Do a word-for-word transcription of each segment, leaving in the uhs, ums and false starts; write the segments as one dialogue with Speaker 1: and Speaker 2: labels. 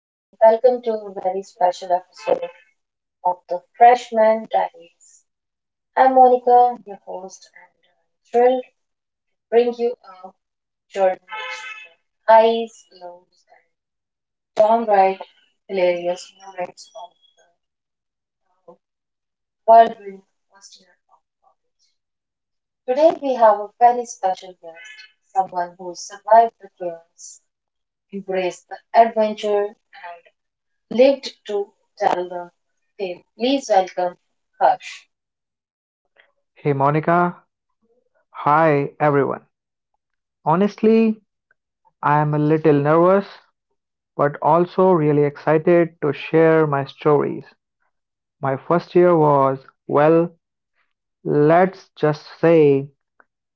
Speaker 1: and welcome to a very special episode of the Freshman Diaries. I'm Monica, your host, and I'm thrilled to bring you a journey through the highs, lows, and downright hilarious moments of the whirlwind first year of college. Today, we have a very special guest, someone who survived the chaos, embraced the adventure, lived to tell the tale. Please welcome Harsh.
Speaker 2: Hey Monica. Hi everyone. Honestly, I am a little nervous, but also really excited to share my stories. My first year was, well, let's just say,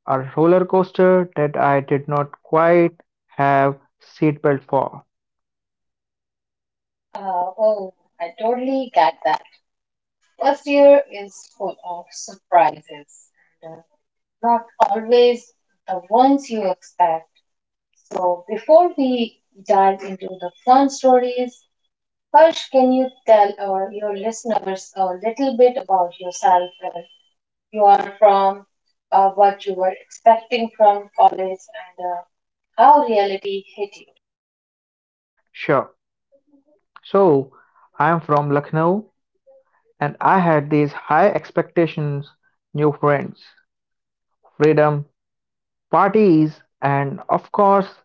Speaker 2: a roller coaster that I did not quite have seatbelt for.
Speaker 1: Uh, oh, I totally get that. First year is full of surprises, and, uh, not always the ones you expect. So, before we dive into the fun stories, Harsh, can you tell our, your listeners a little bit about yourself, where you are from, uh, what you were expecting from college, and uh, how reality hit you?
Speaker 2: Sure. So, I am from Lucknow and I had these high expectations, new friends, freedom, parties, and of course,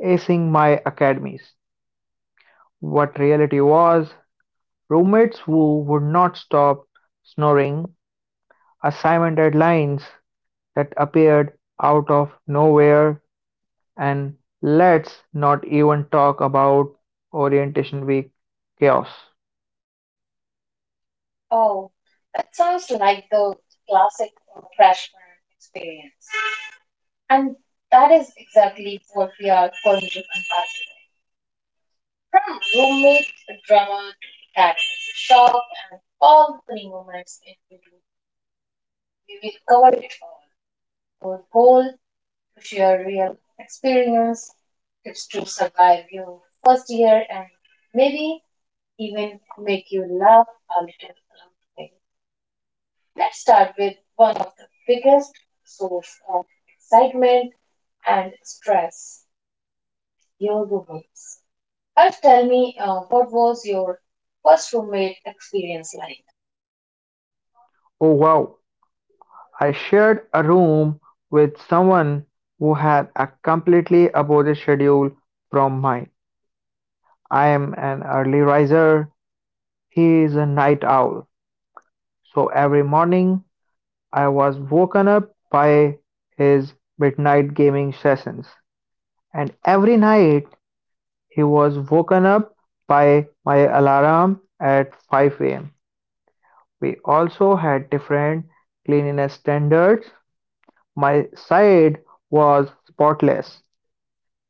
Speaker 2: acing my academies. What reality was roommates who would not stop snoring, assignment deadlines that appeared out of nowhere, and let's not even talk about orientation week chaos.
Speaker 1: Oh, that sounds like the classic uh, freshman experience. And that is exactly what we are going to unpack today. From roommate drama to academic shock and all the funny moments in between, we will cover it all. Our goal to share real experience, tips to survive your first year, and maybe even make you laugh a little along the way. Let's start with one of the biggest source of excitement and stress, your roommates. First, tell me, uh, what was your first roommate experience like?
Speaker 2: Oh wow, I shared a room with someone who had a completely opposite schedule from mine. I am an early riser, he is a night owl, so every morning I was woken up by his midnight gaming sessions, and every night he was woken up by my alarm at five a m. We also had different cleanliness standards. My side was spotless,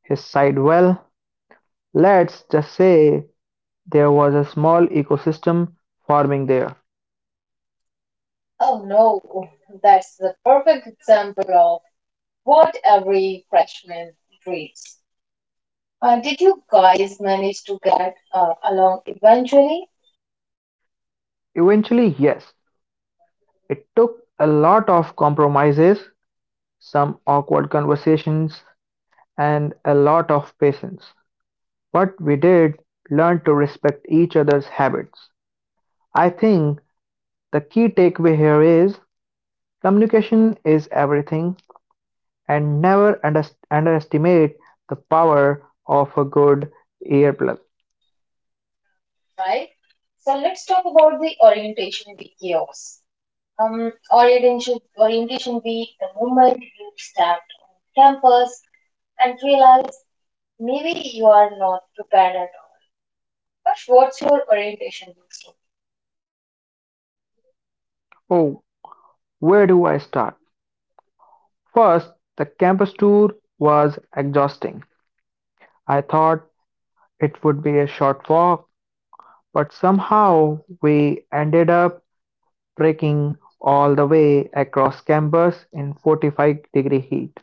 Speaker 2: his side, well, let's just say there was a small ecosystem forming there.
Speaker 1: Oh no, that's the perfect example of what every freshman dreams. Uh, did you guys manage to get uh, along eventually?
Speaker 2: Eventually, yes, it took a lot of compromises, some awkward conversations, and a lot of patience. But we did learn to respect each other's habits. I think the key takeaway here is communication is everything and never underst- underestimate the power of a good earplug.
Speaker 1: Right? So let's talk about the orientation week chaos. Um, orientation, orientation week, the moment you stepped on campus and realize maybe you are not prepared at all. But what's your orientation week story?
Speaker 2: Oh, where do I start? First, the campus tour was exhausting. I thought it would be a short walk, but somehow we ended up trekking all the way across campus in forty-five degree heat.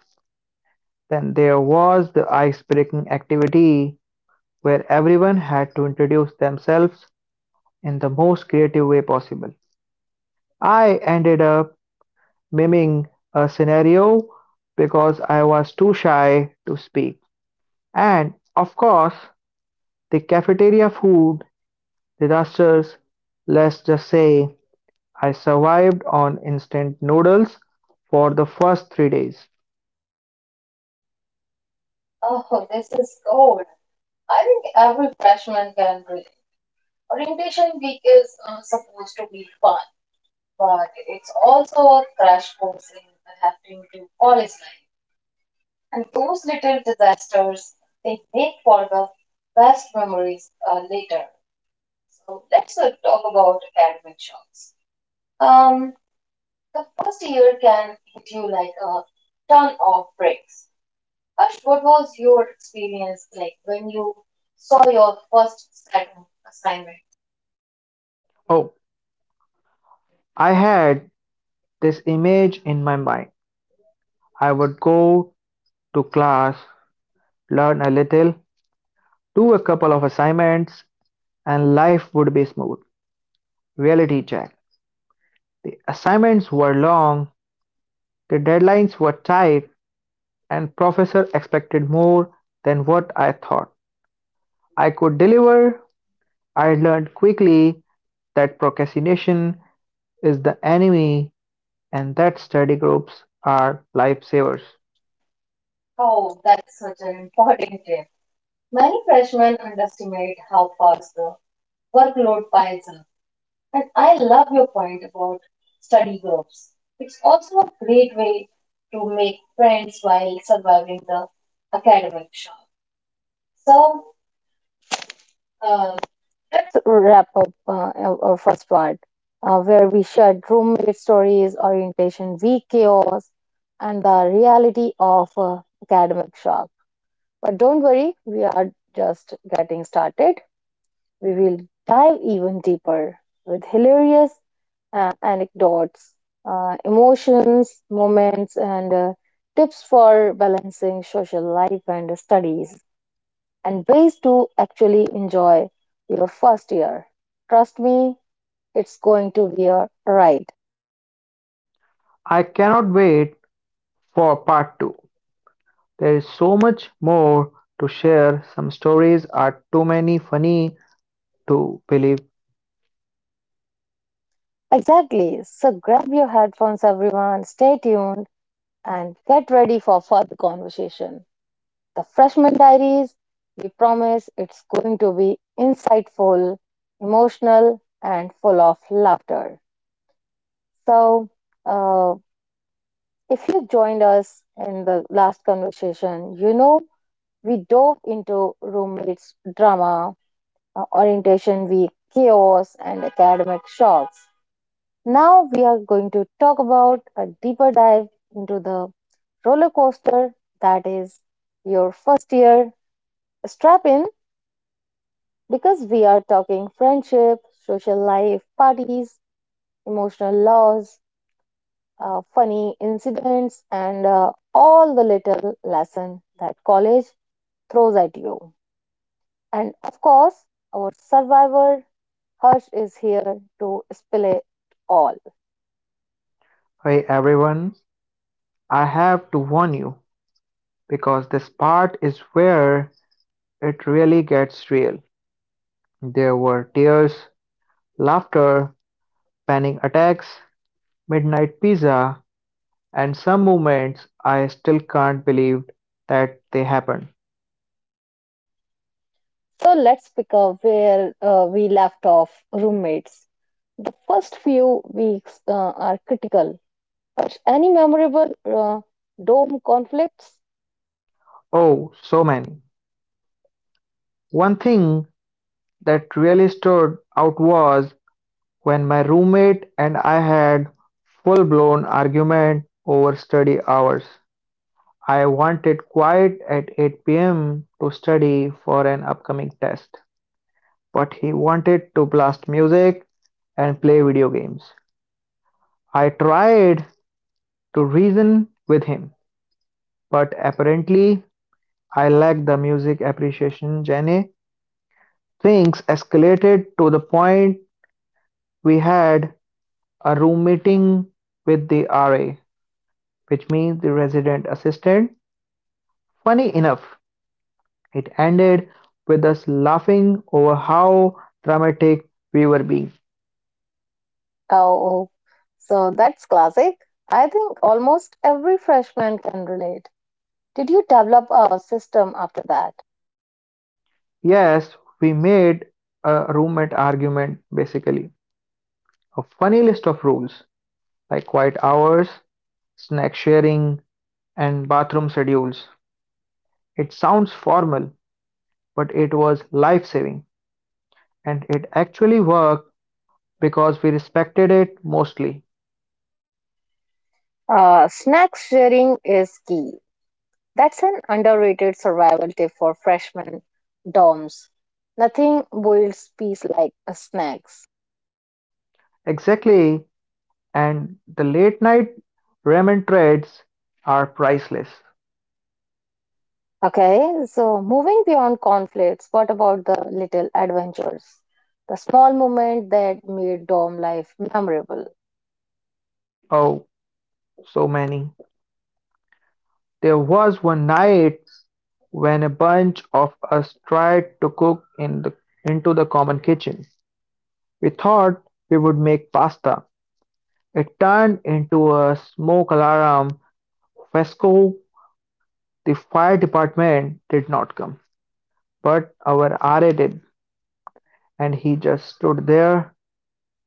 Speaker 2: Then there was the ice breaking activity where everyone had to introduce themselves in the most creative way possible. I ended up miming a scenario because I was too shy to speak. And of course, the cafeteria food disasters, let's just say, I survived on instant noodles for the first three days.
Speaker 1: Oh, this is gold. I think every freshman can relate. Orientation week is uh, supposed to be fun, but it's also a crash course in adapting to college life. And those little disasters, they make for the best memories uh, later. So let's uh, talk about academic shocks. Um, the first year can hit you like a ton of bricks. Ash, what was your experience like when you saw your first second assignment?
Speaker 2: Oh, I had this image in my mind. I would go to class, learn a little, do a couple of assignments, and life would be smooth. Reality check. The assignments were long, the deadlines were tight, and professor expected more than what I thought I could deliver. I learned quickly that procrastination is the enemy and that study groups are lifesavers.
Speaker 1: Oh, that's such an important tip. Many freshmen underestimate how fast the workload piles up. And I love your point about study groups. It's also a great way to make friends while surviving the academic shock. So uh, let's wrap up uh, our our first part, uh, where we shared roommate stories, orientation week chaos, and the reality of uh, academic shock. But don't worry, we are just getting started. We will dive even deeper with hilarious uh, anecdotes, uh, emotions, moments, and uh, tips for balancing social life and studies, and ways to actually enjoy your first year. Trust me, it's going to be a ride.
Speaker 2: I cannot wait for part two. There is so much more to share. Some stories are too many funny to believe.
Speaker 1: Exactly. So grab your headphones, everyone, stay tuned, and get ready for further conversation. The Freshman Diaries, we promise it's going to be insightful, emotional, and full of laughter. So, uh, if you joined us in the last conversation, you know we dove into roommates drama, uh, orientation week chaos and academic shocks. Now we are going to talk about a deeper dive into the roller coaster that is your first year. Strap in because we are talking friendship, social life, parties, emotional loss, uh, funny incidents, and uh, all the little lesson that college throws at you. And of course, our survivor Harsh is here to spill it all.
Speaker 2: By everyone, I have to warn you because this part is where it really gets real. There were tears, laughter, panic attacks, midnight pizza, and some moments I still can't believe that they happened.
Speaker 1: So let's pick up where uh, we left off roommates. The first few weeks uh, are critical. But any memorable uh, dorm conflicts?
Speaker 2: Oh, so many. One thing that really stood out was when my roommate and I had full-blown argument over study hours. I wanted quiet at eight p m to study for an upcoming test, but he wanted to blast music and play video games. I tried to reason with him, but apparently I lacked the music appreciation gene. Things escalated to the point we had a room meeting with the R A, which means the resident assistant. Funny enough, it ended with us laughing over how dramatic we were being.
Speaker 1: Oh, oh. so that's classic. I think almost every freshman can relate. Did you develop a system after that?
Speaker 2: Yes, we made a roommate argument basically. A funny list of rules like quiet hours, snack sharing, and bathroom schedules. It sounds formal, but it was life saving and it actually worked because we respected it mostly.
Speaker 1: Uh, snack sharing is key. That's an underrated survival tip for freshman dorms. Nothing boils peace like a snacks.
Speaker 2: Exactly. And the late night ramen threads are priceless.
Speaker 1: Okay, so moving beyond conflicts, what about the little adventures? The small moment that made dorm life memorable.
Speaker 2: Oh, so many. There was one night when a bunch of us tried to cook in the into the common kitchen. We thought we would make pasta. It turned into a smoke alarm fiasco. The fire department did not come, but our R A did, and he just stood there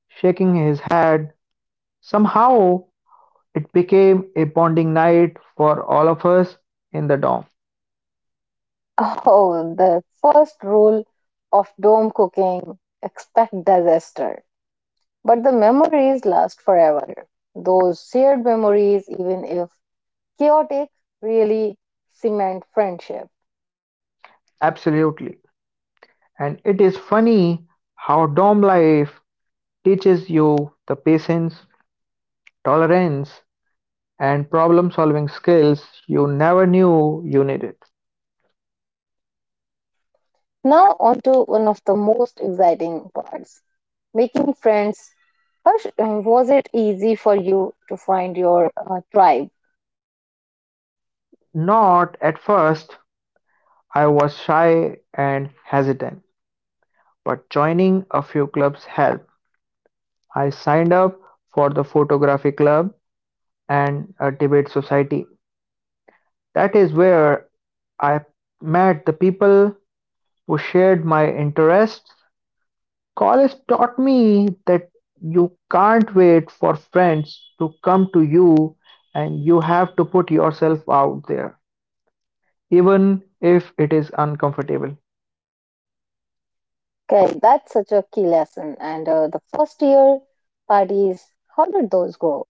Speaker 2: shaking his head. Somehow it became a bonding night for all of us in the dorm.
Speaker 1: Oh, the first rule of dorm cooking expect disaster. But the memories last forever. Those shared memories, even if chaotic, really cement friendship.
Speaker 2: Absolutely. And it is funny how dorm life teaches you the patience, tolerance, and problem solving skills you never knew you needed.
Speaker 1: Now, on to one of the most exciting parts making friends. Harsh, uh, was it easy for you to find your uh, tribe?
Speaker 2: Not at first, I was shy and hesitant, but joining a few clubs helped. I signed up for the photography club and a debate society. That is where I met the people who shared my interests. College taught me that you can't wait for friends to come to you and you have to put yourself out there, even if it is uncomfortable.
Speaker 1: Okay, that's such a key lesson. And uh, the first year parties, how did those go?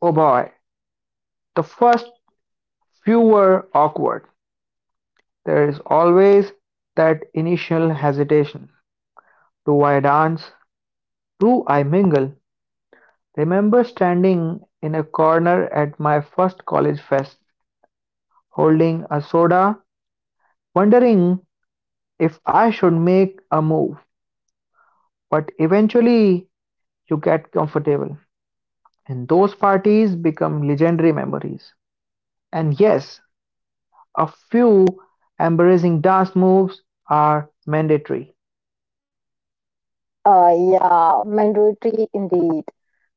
Speaker 2: Oh boy, the first few were awkward. There is always that initial hesitation. Do I dance? Do I mingle? Remember standing in a corner at my first college fest, holding a soda, wondering if I should make a move. But eventually, you get comfortable, and those parties become legendary memories. And yes, a few embarrassing dance moves are mandatory.
Speaker 1: Uh, yeah, mandatory indeed.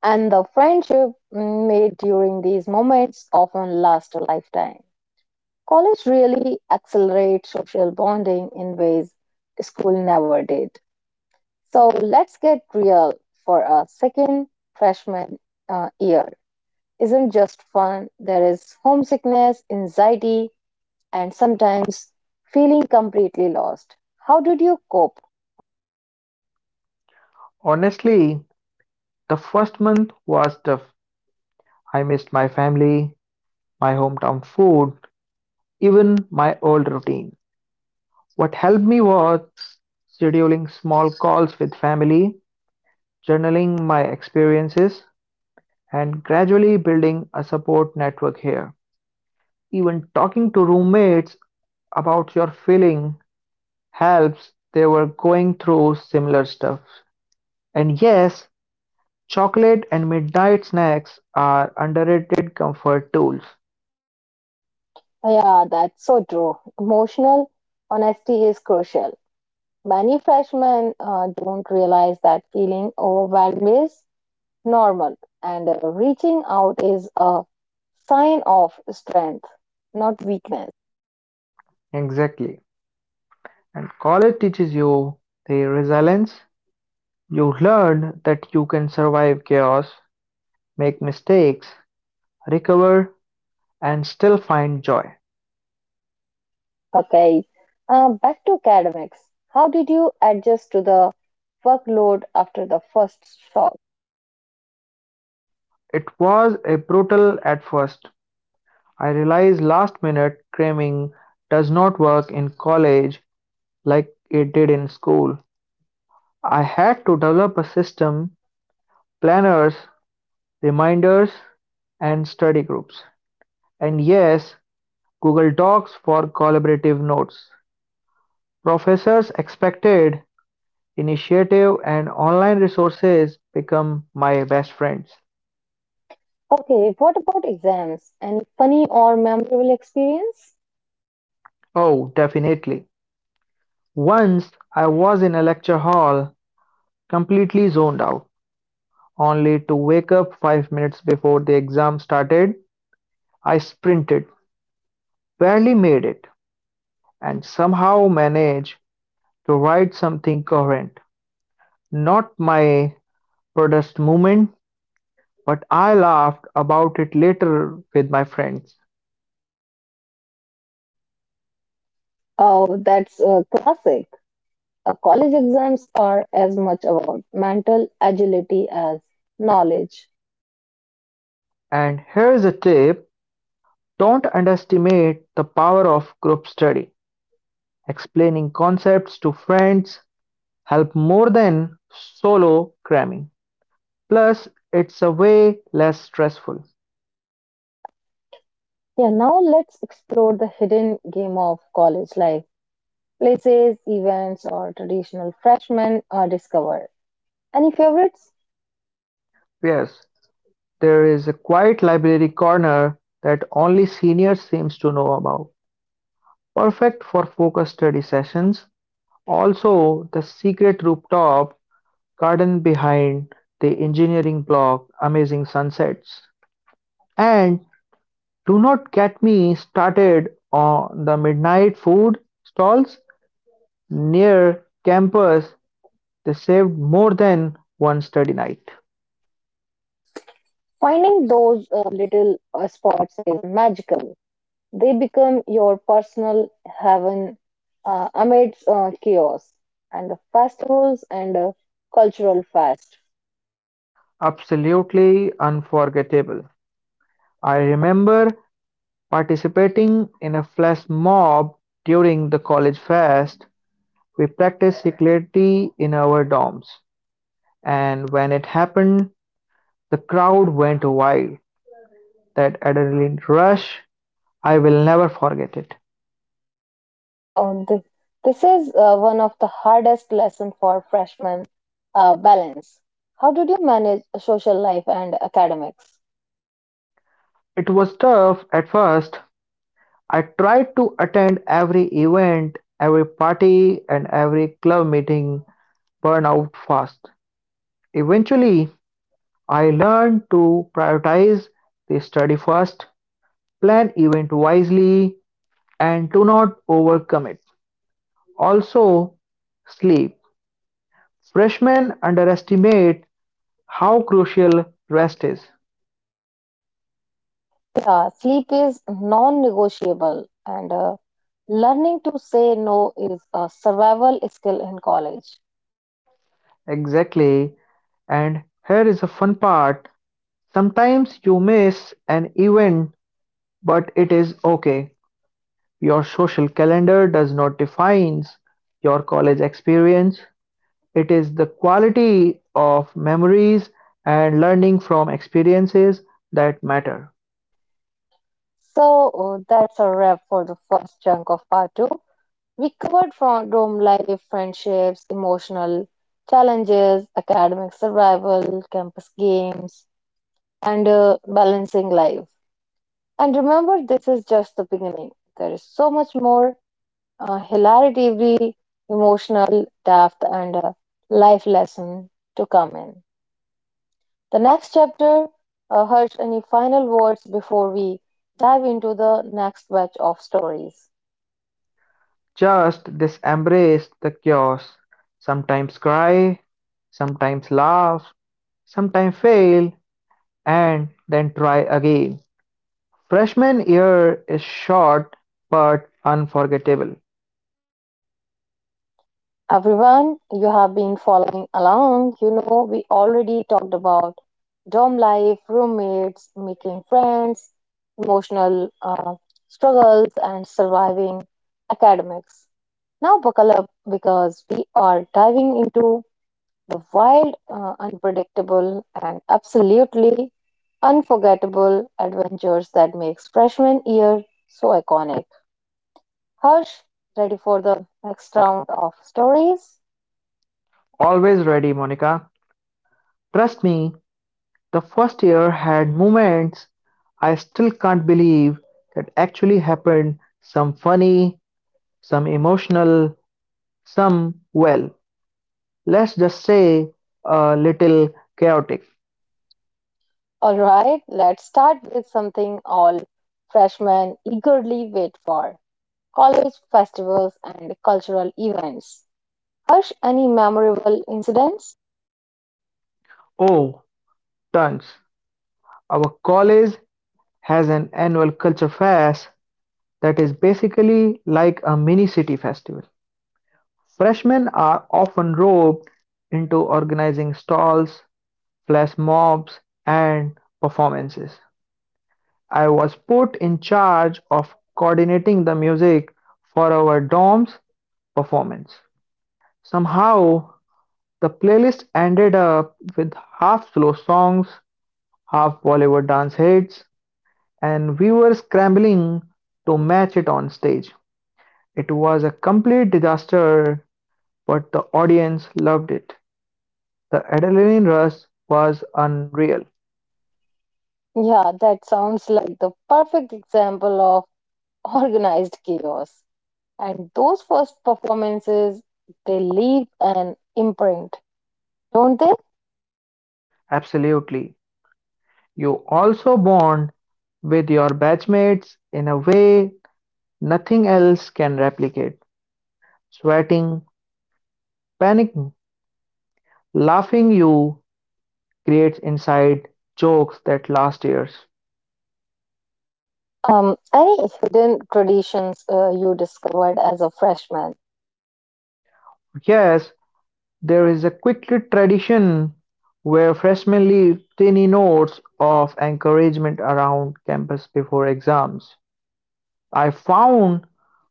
Speaker 1: And the friendship mm, made during these moments often last a lifetime. College really accelerates social bonding in ways school never did. So let's get real for a second. Freshman uh, year isn't just fun, there is homesickness, anxiety, and sometimes feeling completely lost. How did you cope?
Speaker 2: Honestly, the first month was tough. I missed my family, my hometown food, even my old routine. What helped me was scheduling small calls with family, journaling my experiences, and gradually building a support network here. Even talking to roommates about your feeling helps they were going through similar stuff. And yes, chocolate and midnight snacks are underrated comfort tools.
Speaker 1: Yeah, that's so true. Emotional honesty is crucial. Many freshmen uh, don't realize that feeling overwhelmed is normal, and uh, reaching out is a sign of strength, not weakness.
Speaker 2: Exactly. And college teaches you the resilience. You learn that you can survive chaos, make mistakes, recover, and still find joy.
Speaker 1: Okay, uh, back to academics. How did you adjust to the workload after the first shock?
Speaker 2: It was a brutal at first. I realized last minute cramming does not work in college like it did in school. I had to develop a system, planners, reminders, and study groups. And yes, Google Docs for collaborative notes. Professors expected initiative and online resources become my best friends.
Speaker 1: Okay, what about exams? Any funny or memorable experience?
Speaker 2: Oh, definitely. Once I was in a lecture hall, completely zoned out, only to wake up five minutes before the exam started. I sprinted, barely made it, and somehow managed to write something coherent. Not my proudest moment, but I laughed about it later with my friends.
Speaker 1: Oh, that's a classic. Uh, college exams are as much about mental agility as knowledge.
Speaker 2: And here's a tip, don't underestimate the power of group study. Explaining concepts to friends help more than solo cramming. Plus, it's a way less stressful.
Speaker 1: Yeah, now let's explore the hidden game of college life. Places, events, or traditional freshmen are discovered. Any favorites?
Speaker 2: Yes, there is a quiet library corner that only seniors seems to know about. Perfect for focused study sessions. Also, the secret rooftop garden behind the engineering block, amazing sunsets. And do not get me started on the midnight food stalls near campus. They saved more than one study night.
Speaker 1: Finding those uh, little uh, spots is magical. They become your personal heaven uh, amidst uh, chaos and the festivals and uh, cultural fest.
Speaker 2: Absolutely unforgettable. I remember participating in a flash mob during the college fest. We practiced security in our dorms, and when it happened, the crowd went wild. That adrenaline rush, I will never forget it.
Speaker 1: How th- this is uh, one of the hardest lesson for freshmen, uh, balance. How did you manage social life and academics?
Speaker 2: It was tough at first. I tried to attend every event, every party, and every club meeting, burn out fast. Eventually, I learned to prioritize the study first, plan event wisely, and do not overcommit. Also, sleep. Freshmen underestimate how crucial rest is.
Speaker 1: Uh, sleep is non negotiable, and uh, learning to say no is a survival skill in college.
Speaker 2: Exactly. And here is a fun part. Sometimes you miss an event, but it is okay. Your social calendar does not define your college experience. It is the quality of memories and learning from experiences that matter.
Speaker 1: So uh, that's a wrap for the first chunk of part two. We covered from dorm life, friendships, emotional challenges, academic survival, campus games, and uh, balancing life. And remember, this is just the beginning. There is so much more uh, hilarity, we- emotional depth, and uh, life lesson to come in the next chapter. uh, Harsh, any final words before we dive into the next batch of stories?
Speaker 2: Just this embrace the chaos. Sometimes cry, sometimes laugh, sometimes fail, and then try again. Freshman year is short but unforgettable.
Speaker 1: Everyone, you have been following along. You know, we already talked about dorm life, roommates, making friends, emotional uh, struggles, and surviving academics. Now, buckle up because we are diving into the wild, uh, unpredictable, and absolutely unforgettable adventures that makes freshman year so iconic. Harsh, ready for the next round of stories?
Speaker 2: Always ready, Monica. Trust me, the first year had moments I still can't believe that actually happened, some funny, some emotional, some, well, let's just say a little chaotic.
Speaker 1: All right, let's start with something all freshmen eagerly wait for college festivals and cultural events. Harsh, any memorable incidents?
Speaker 2: Oh, tons. Our college has an annual culture fest that is basically like a mini city festival. Freshmen are often roped into organizing stalls, flash mobs, and performances. I was put in charge of coordinating the music for our dorm's performance. Somehow, the playlist ended up with half slow songs, half Bollywood dance hits, and we were scrambling to match it on stage. It was a complete disaster, but the audience loved it. The adrenaline rush was unreal.
Speaker 1: Yeah, that sounds like the perfect example of organized chaos. And those first performances, they leave an imprint, don't they?
Speaker 2: Absolutely. You also bond with your batchmates in a way nothing else can replicate. Sweating, panicking, laughing, you creates inside jokes that last years.
Speaker 1: Um, any hidden traditions uh, you discovered as a freshman?
Speaker 2: Yes, there is a quick tradition where freshmen leave tiny notes of encouragement around campus before exams. I found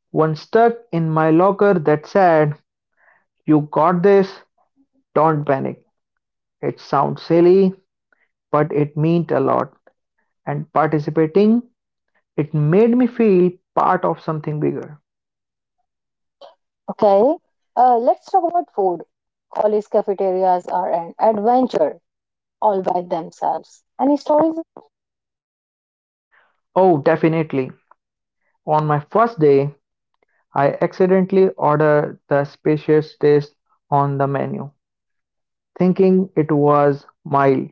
Speaker 2: one stuck in my locker that said, "You got this, don't panic." It sounds silly, but it meant a lot. And participating, it made me feel part of something bigger.
Speaker 1: Okay, uh, let's talk about food. College cafeterias are an adventure all by themselves. Any stories?
Speaker 2: Oh, definitely. On my first day, I accidentally ordered the spacious taste on the menu, thinking it was mild.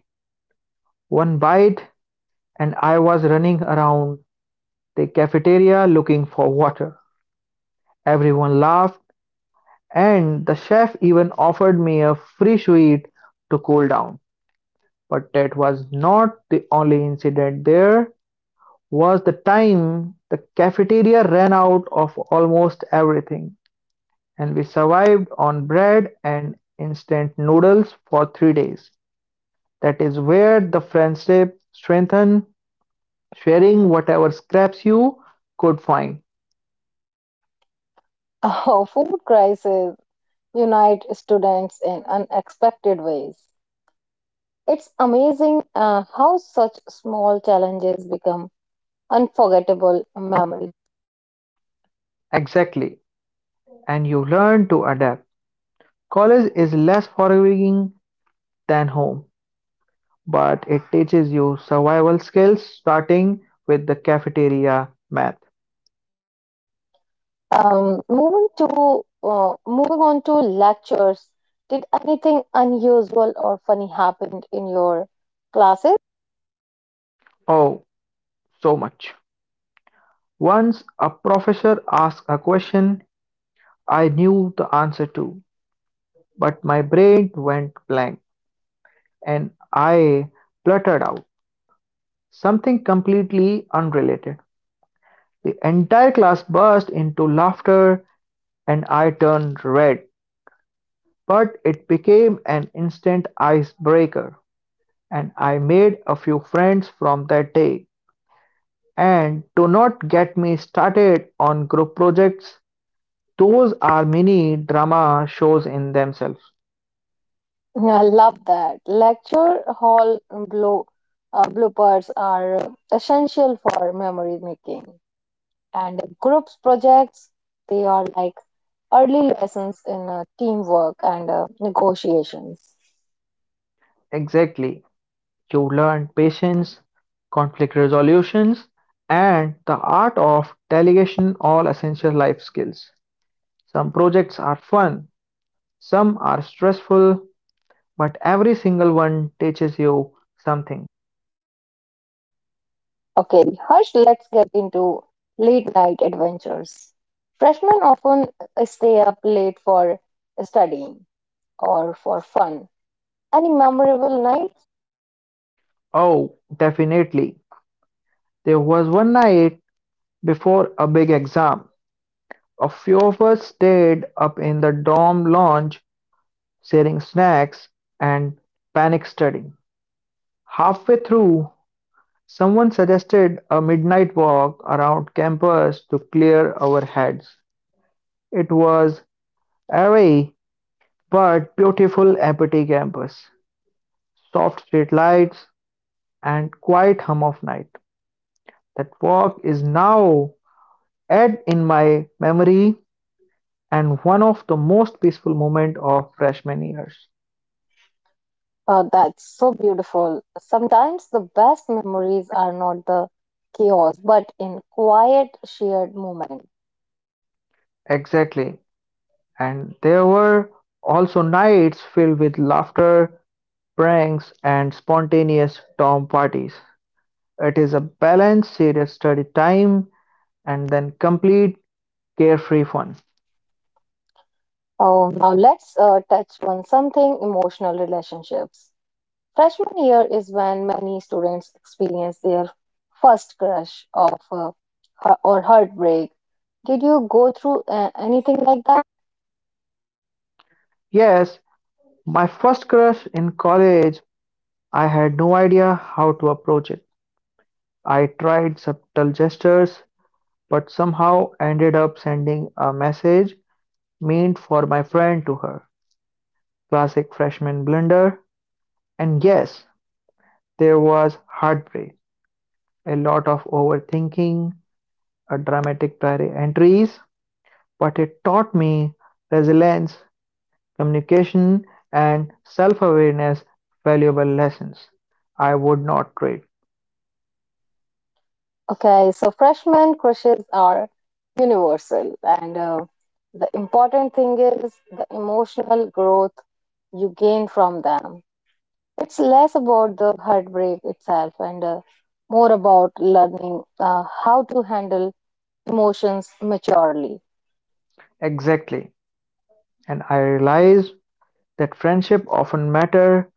Speaker 2: One bite, and I was running around the cafeteria looking for water. Everyone laughed, and the chef even offered me a free sweet to cool down. But that was not the only incident. There was the time the cafeteria ran out of almost everything and we survived on bread and instant noodles for three days. That is where the friendship strengthened, sharing whatever scraps you could find.
Speaker 1: Oh, food crises unite students in unexpected ways. It's amazing uh, how such small challenges become unforgettable memories.
Speaker 2: Exactly. And you learn to adapt. College is less forgiving than home, but it teaches you survival skills starting with the cafeteria math.
Speaker 1: Um, moving to uh, moving on to lectures. Did anything unusual or funny happened in your classes?
Speaker 2: Oh, so much. Once a professor asked a question I knew the answer to, but my brain went blank and I blurted out something completely unrelated. The entire class burst into laughter and I turned red, but it became an instant icebreaker and I made a few friends from that day. And do not get me started on group projects, those are mini drama shows in themselves.
Speaker 1: Yeah, I love that. Lecture hall blow, uh, bloopers are essential for memory making. And groups projects, they are like early lessons in uh, teamwork and uh, negotiations.
Speaker 2: Exactly. You learn patience, conflict resolutions, and the art of delegation, all essential life skills. Some projects are fun, some are stressful, but every single one teaches you something.
Speaker 1: Okay, Harsh, let's get into late night adventures. Freshmen often stay up late for studying or for fun. Any memorable night?
Speaker 2: Oh, definitely. There was one night before a big exam. A few of us stayed up in the dorm lounge, sharing snacks and panic studying. Halfway through, someone suggested a midnight walk around campus to clear our heads. It was airy but beautiful empty campus, soft street lights, and quiet hum of night. That walk is now etched in my memory and one of the most peaceful moments of freshman years.
Speaker 1: Uh, that's so beautiful. Sometimes the best memories are not the chaos, but in quiet, shared moment.
Speaker 2: Exactly. And there were also nights filled with laughter, pranks, and spontaneous dorm parties. It is a balanced, serious study time and then complete carefree fun.
Speaker 1: Oh, now let's uh, touch on something emotional relationships. Freshman year is when many students experience their first crush of uh, or heartbreak. Did you go through uh, anything like that?
Speaker 2: Yes, my first crush in college, I had no idea how to approach it. I tried subtle gestures, but somehow ended up sending a message meant for my friend to her. Classic freshman blunder. And yes, there was heartbreak, a lot of overthinking, a dramatic diary entries, but it taught me resilience, communication and self-awareness, valuable lessons I would not trade.
Speaker 1: Okay, so freshman crushes are universal, and uh, the important thing is the emotional growth you gain from them. It's less about the heartbreak itself and uh, more about learning uh, how to handle emotions maturely.
Speaker 2: Exactly. And I realize that friendship often matter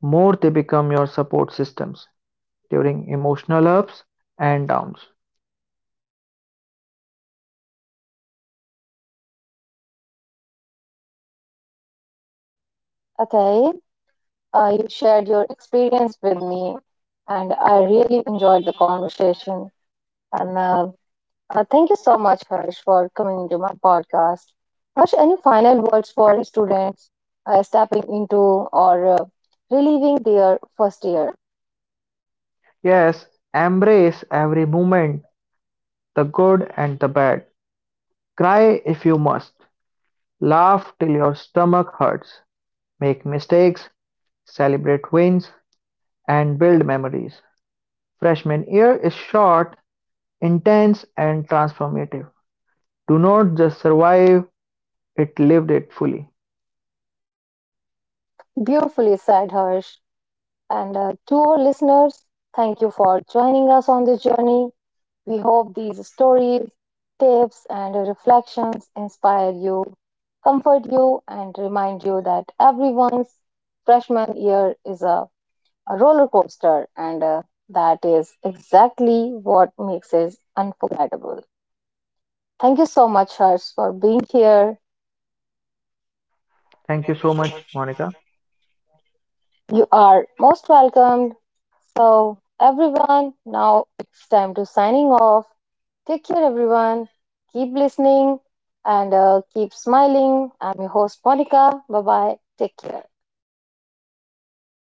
Speaker 2: more they become your support systems during emotional ups and downs.
Speaker 1: Okay, uh, you shared your experience with me, and I really enjoyed the conversation. And uh, Uh, thank you so much, Harsh, for coming into my podcast. Harsh, any final words for students uh, stepping into or uh, reliving their first year?
Speaker 2: Yes, embrace every moment, the good and the bad. Cry if you must. Laugh till your stomach hurts. Make mistakes, celebrate wins, and build memories. Freshman year is short intense and transformative. Do not just survive it, lived it fully.
Speaker 1: Beautifully said, Harsh. And uh, to our listeners, thank you for joining us on this journey. We hope these stories, tips, and reflections inspire you, comfort you, and remind you that everyone's freshman year is a a roller coaster, and uh, that is exactly what makes it unforgettable. Thank you so much, Harsh, for being here.
Speaker 2: Thank you so much, Monica.
Speaker 1: You are most welcomed. So, everyone, now it's time to signing off. Take care, everyone. Keep listening and uh, keep smiling. I'm your host, Monica. Bye bye. Take care.